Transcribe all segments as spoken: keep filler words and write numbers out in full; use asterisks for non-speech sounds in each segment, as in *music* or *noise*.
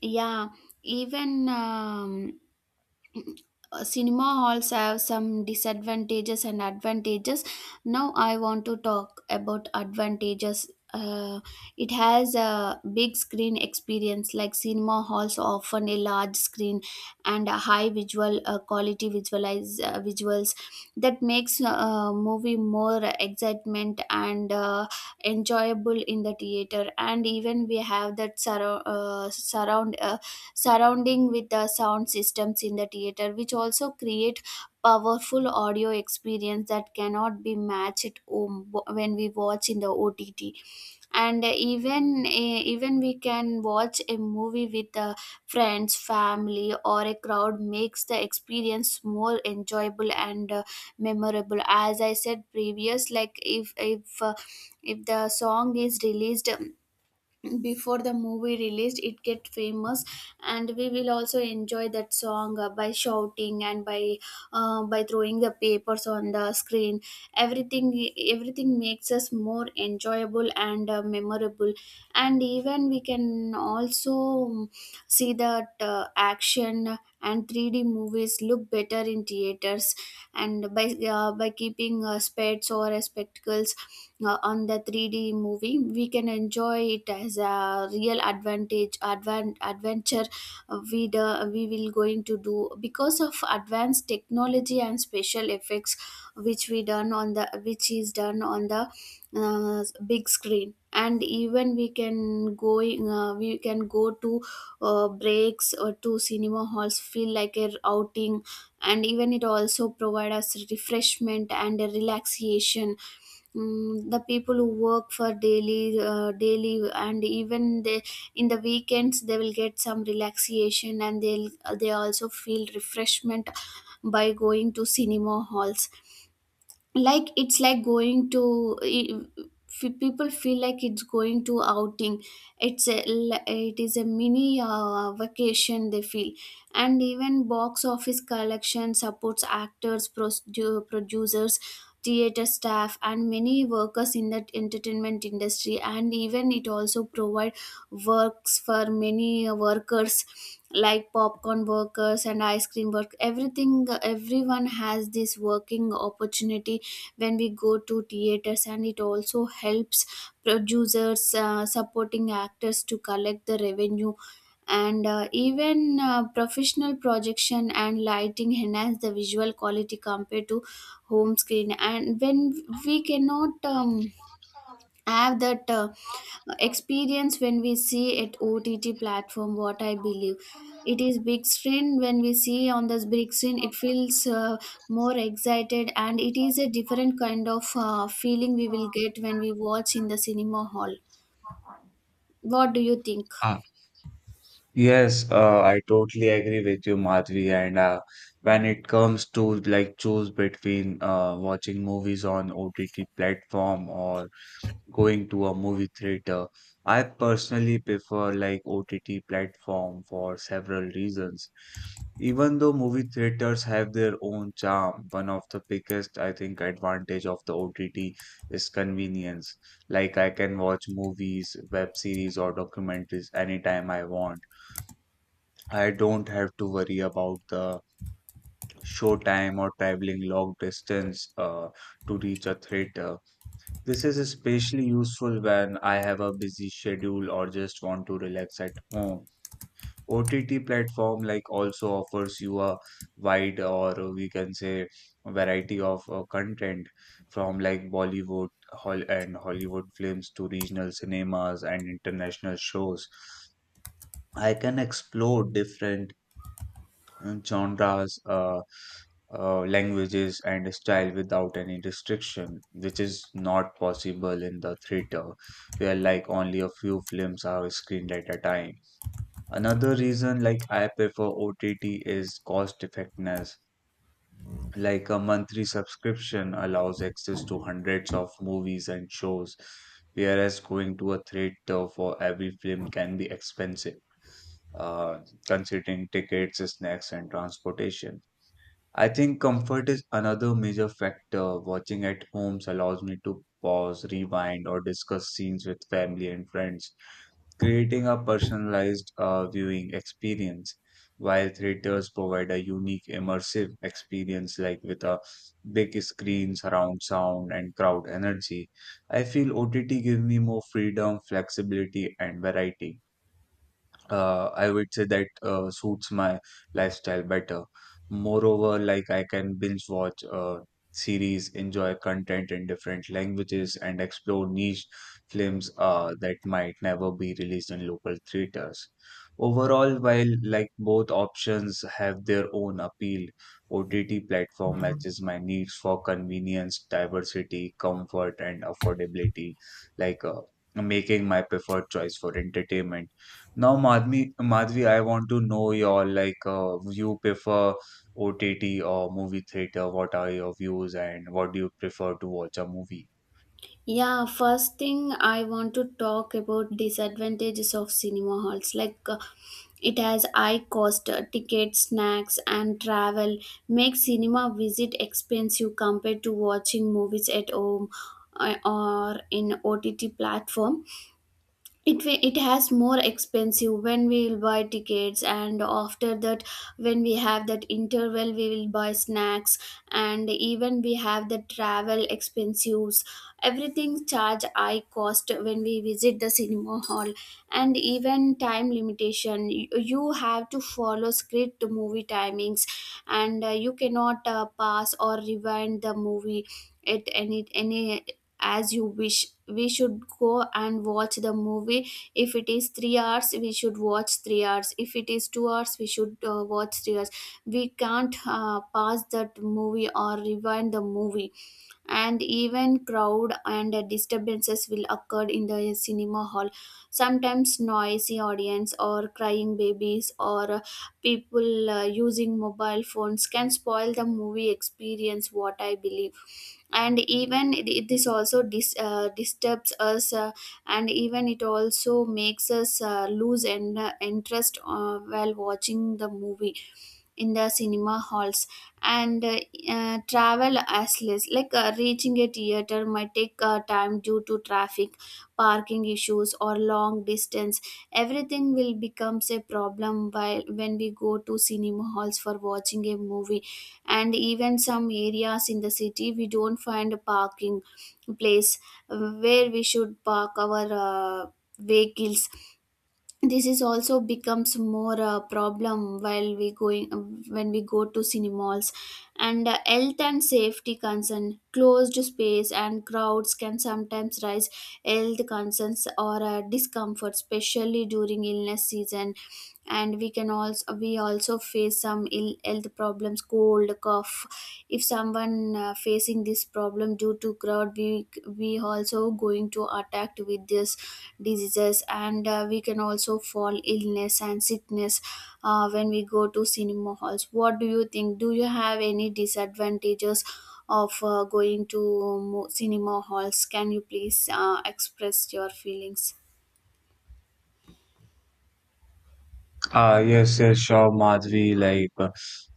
Yeah, even um, *clears throat* cinema halls have some disadvantages and advantages. Now I want to talk about advantages. Uh, it has a big screen experience, like cinema halls often a large screen and a high visual uh, quality visualize uh, visuals that makes a movie more excitement and uh, enjoyable in the theater. And even we have that surround uh, surround. Uh, surrounding with the sound systems in the theater, which also create powerful audio experience that cannot be matched at home w- when we watch in the ott. And even eh, even we can watch a movie with the friends, family, or a crowd makes the experience more enjoyable and uh, memorable. As I said previous, like if if uh, if the song is released before the movie released, it get famous and we will also enjoy that song uh, by shouting and by uh, by throwing the papers on the screen. Everything everything makes us more enjoyable and uh, memorable. And even we can also um, see that uh, action and three D movies look better in theaters. And by uh, by keeping uh, spades or uh, spectacles uh, on the three D movie, we can enjoy it as a real advantage, advan- adventure uh, we, do, we will going to do because of advanced technology and special effects which we done on the which is done on the uh, big screen. And even we can go uh, we can go to uh, breaks or to cinema halls, feel like a outing. And even it also provide us refreshment and a relaxation. Mm, the people who work for daily uh, daily, and even they in the weekends, they will get some relaxation and they'll they also feel refreshment by going to cinema halls. Like it's like going to f- people feel like it's going to outing. it's a it is a mini uh, vacation, they feel. And even box office collection supports actors, produ- producers, theater staff, and many workers in that entertainment industry. And even it also provide works for many uh, workers, like popcorn workers and ice cream work. Everything Everyone has this working opportunity when we go to theaters. And it also helps producers, uh, supporting actors, to collect the revenue. And uh, even uh, professional projection and lighting enhance the visual quality compared to home screen. And when we cannot um, have that uh, experience when we see at O T T platform, what I believe, it is big screen. When we see on this big screen, it feels uh, more excited, and it is a different kind of uh, feeling we will get when we watch in the cinema hall. What do you think? Ah, yes, uh, I totally agree with you, Madhvi. And uh, When it comes to like choose between uh, watching movies on O T T platform or going to a movie theater, I personally prefer like O T T platform for several reasons. Even though movie theaters have their own charm, one of the biggest, I think, advantage of the O T T is convenience. Like I can watch movies, web series, or documentaries anytime I want. I don't have to worry about the show time or traveling long distance uh, to reach a theater. This is especially useful when I have a busy schedule or just want to relax at home. O T T platform like also offers you a wide, or we can say variety of uh, content from like Bollywood hol and Hollywood films to regional cinemas and international shows. I can explore different and genres, uh, uh, languages, and style without any restriction, which is not possible in the theater, where like only a few films are screened at a time. Another reason like I prefer O T T is cost effectiveness. Like a monthly subscription allows access to hundreds of movies and shows, whereas going to a theater for every film can be expensive uh, considering tickets, snacks, and transportation. I think comfort is another major factor. Watching at homes allows me to pause, rewind, or discuss scenes with family and friends, creating a personalized uh, viewing experience. While theaters provide a unique immersive experience, like with a big screen, surround sound, and crowd energy, I feel O T T gives me more freedom, flexibility, and variety uh, I would say that uh, suits my lifestyle better. Moreover, like I can binge watch uh, series, enjoy content in different languages, and explore niche films uh, that might never be released in local theaters. Overall, while like both options have their own appeal, O T T platform matches my needs for convenience, diversity, comfort, and affordability. Like uh, Making my preferred choice for entertainment now, Madhvi, Madhvi, I want to know your like uh, you prefer O T T or movie theater? What are your views and what do you prefer to watch a movie? Yeah, first thing I want to talk about disadvantages of cinema halls. Like uh, it has high cost. Uh, tickets, snacks, and travel make cinema visit expensive compared to watching movies at home uh, or in O T T platform. It wa- it has more expensive when we will buy tickets, and after that when we have that interval, we will buy snacks. And even we have the travel expenses. Everything charge high cost when we visit the cinema hall. And even time limitation, you, you have to follow strict movie timings, and uh, you cannot uh, pass or rewind the movie at any any as you wish. We should go and watch the movie. If it is three hours, we should watch three hours. If it is two hours, we should uh, watch three hours. We can't uh, pause that movie or rewind the movie. And even crowd and uh, disturbances will occur in the cinema hall. Sometimes noisy audience or crying babies or uh, people uh, using mobile phones can spoil the movie experience, what I believe. And even it- this also dis, uh, disturbs us, uh, and even it also makes us uh, lose en- uh, interest uh, while watching the movie in the cinema halls. And uh, uh, travel as less, like uh, reaching a theater might take uh, time due to traffic, parking issues, or long distance. Everything will becomes a problem while when we go to cinema halls for watching a movie. And even some areas in the city, we don't find a parking place uh, where we should park our uh, vehicles. This is also becomes more a problem while we going uh, when we go to cinemas. And uh, health and safety concern, closed space and crowds can sometimes raise health concerns or uh, discomfort, especially during illness season. And we can also we also face some ill health problems, cold, cough. If someone uh, facing this problem due to crowd, we we also going to attacked with these diseases. And uh, we can also fall illness and sickness uh, when we go to cinema halls. What do you think? Do you have any disadvantages of uh, going to mo- cinema halls? Can you please uh, express your feelings? Ah, yes, yes, sure, Madhvi. Like, uh,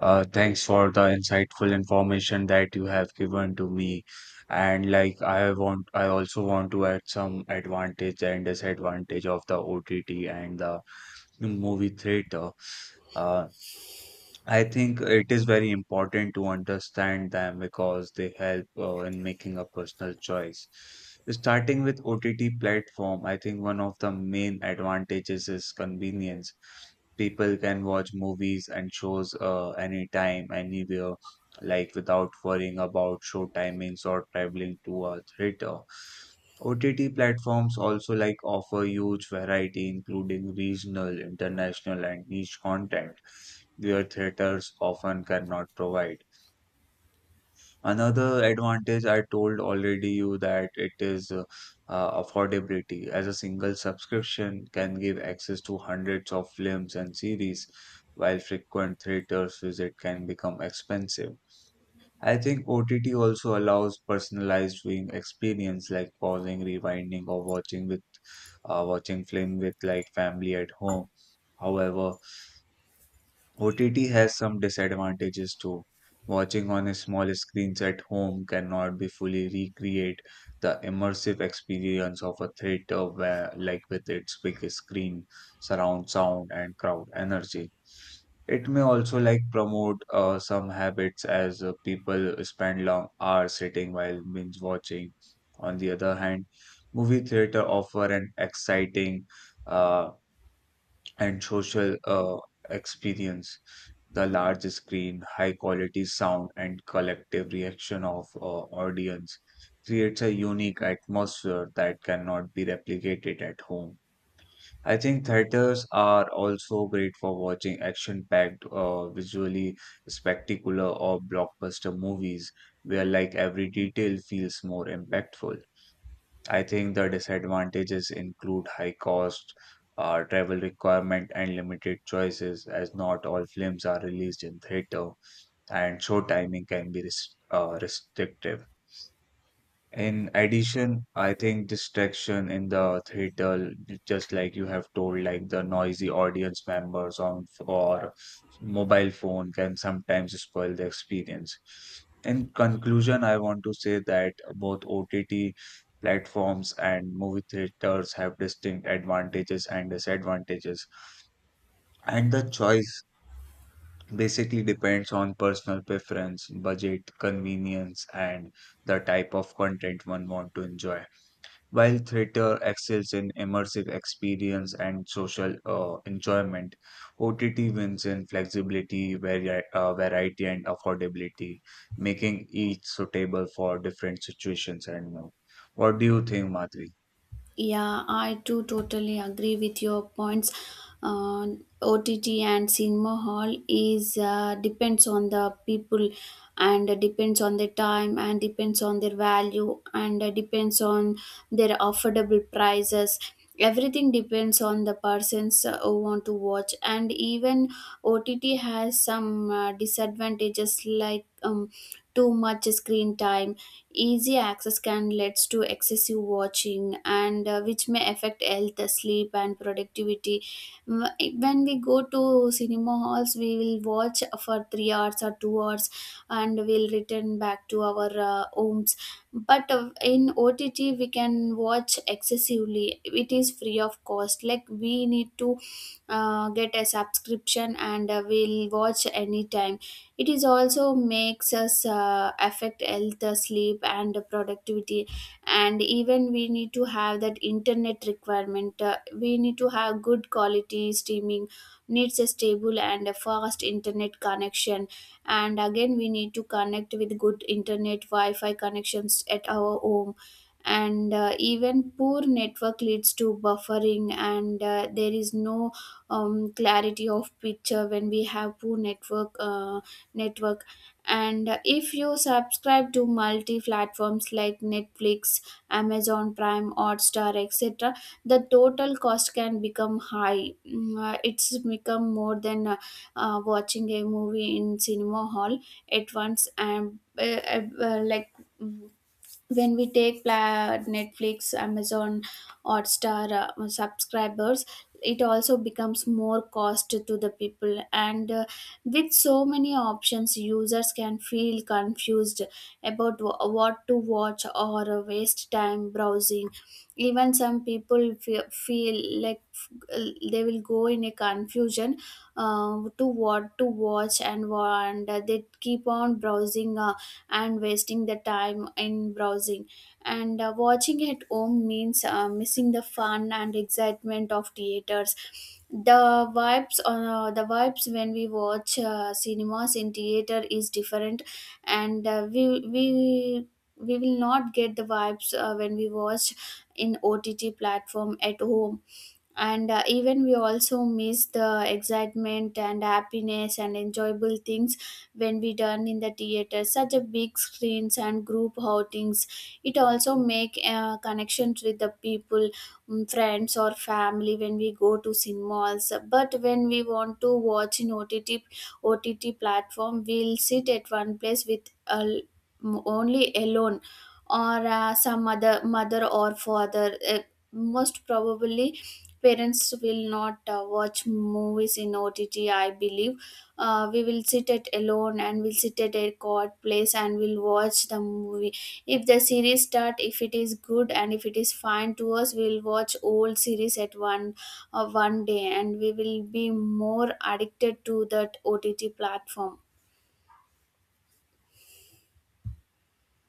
uh, Thanks for the insightful information that you have given to me. And like, I want, I also want to add some advantage and disadvantage of the O T T and the movie theater. Uh, I think it is very important to understand them because they help uh, in making a personal choice. Starting with O T T platform, I think one of the main advantages is convenience. People can watch movies and shows uh, anytime, anywhere, like without worrying about show timings or traveling to a theater. O T T platforms also like offer huge variety including regional, international and niche content where theaters often cannot provide. Another advantage I told already you that it is uh, uh, affordability, as a single subscription can give access to hundreds of films and series while frequent theaters visit can become expensive. I think O T T also allows personalized viewing experience like pausing, rewinding, or watching with uh, watching film with like family at home. However, O T T has some disadvantages too. Watching on a small screens at home cannot be fully recreate the immersive experience of a theater where, like with its big screen, surround sound and crowd energy. It may also like promote uh, some habits as uh, people spend long hours sitting while binge watching. On the other hand, movie theater offer an exciting uh, and social uh, experience. The large screen, high quality sound, and collective reaction of uh, audience creates a unique atmosphere that cannot be replicated at home. I think theaters are also great for watching action-packed, uh, visually spectacular or blockbuster movies, where like every detail feels more impactful. I think the disadvantages include high cost, uh, travel requirement, and limited choices, as not all films are released in theater, and show timing can be res- uh, restrictive. In addition, I think distraction in the theater, just like you have told, like the noisy audience members on or mobile phone can sometimes spoil the experience. In conclusion, I want to say that both O T T platforms and movie theaters have distinct advantages and disadvantages, and the choice basically depends on personal preference, budget, convenience, and the type of content one want to enjoy. While theater excels in immersive experience and social uh, enjoyment, O T T wins in flexibility, vari- uh, variety, and affordability, making each suitable for different situations and mood. What do you think, Madhuri? Yeah, I do totally agree with your points. Uh, O T T and cinema hall is uh, depends on the people, and depends on the time, and depends on their value, and depends on their affordable prices. Everything depends on the persons uh, who want to watch. And even O T T has some uh, disadvantages, like um, too much screen time. Easy access can leads to excessive watching, and uh, which may affect health, sleep, and productivity. Wh- when we go to cinema halls, we will watch for three hours or two hours, and we'll return back to our uh, homes. But uh, in ott, we can watch excessively. It is free of cost. Like we need to uh, get a subscription, and uh, we'll watch anytime. It is also makes us uh, affect health, uh, sleep, and productivity. And even we need to have that internet requirement. Uh, we need to have good quality streaming, needs a stable and a fast internet connection. And again, we need to connect with good internet Wi-Fi connections at our home. And uh, even poor network leads to buffering, and uh, there is no um, clarity of picture when we have poor network uh, network. And if you subscribe to multi platforms like Netflix, Amazon Prime, Hotstar, et cetera, the total cost can become high. Mm, uh, It's become more than uh, uh, watching a movie in cinema hall at once. And uh, uh, uh, Like when we take pla- netflix amazon hotstar uh, subscribers, it also becomes more cost to the people. And uh, with so many options, users can feel confused about wh- what to watch or uh, waste time browsing. Even some people fe- feel like f- uh, they will go in a confusion uh, to what to watch, and, wa- and uh, they keep on browsing uh, and wasting the time in browsing. And uh, watching at home means uh, missing the fun and excitement of theaters. The vibes, uh, the vibes when we watch uh, cinemas in theater is different, and uh, we we we will not get the vibes uh, when we watch in O T T platform at home. And uh, even we also miss the excitement and happiness and enjoyable things when we done in the theater, such a big screens and group outings. It also make uh, connections with the people, mm, friends or family, when we go to cinemas. But when we want to watch in ott ott platform, we'll sit at one place with uh, m- only alone, or uh, some other mother or father, uh, most probably. Parents will not uh, watch movies in O T T, I believe. Uh, we will sit at alone, and we'll sit at a quiet place, and we'll watch the movie. If the series start, if it is good and if it is fine to us, we'll watch old series at one uh, one day, and we will be more addicted to that O T T platform.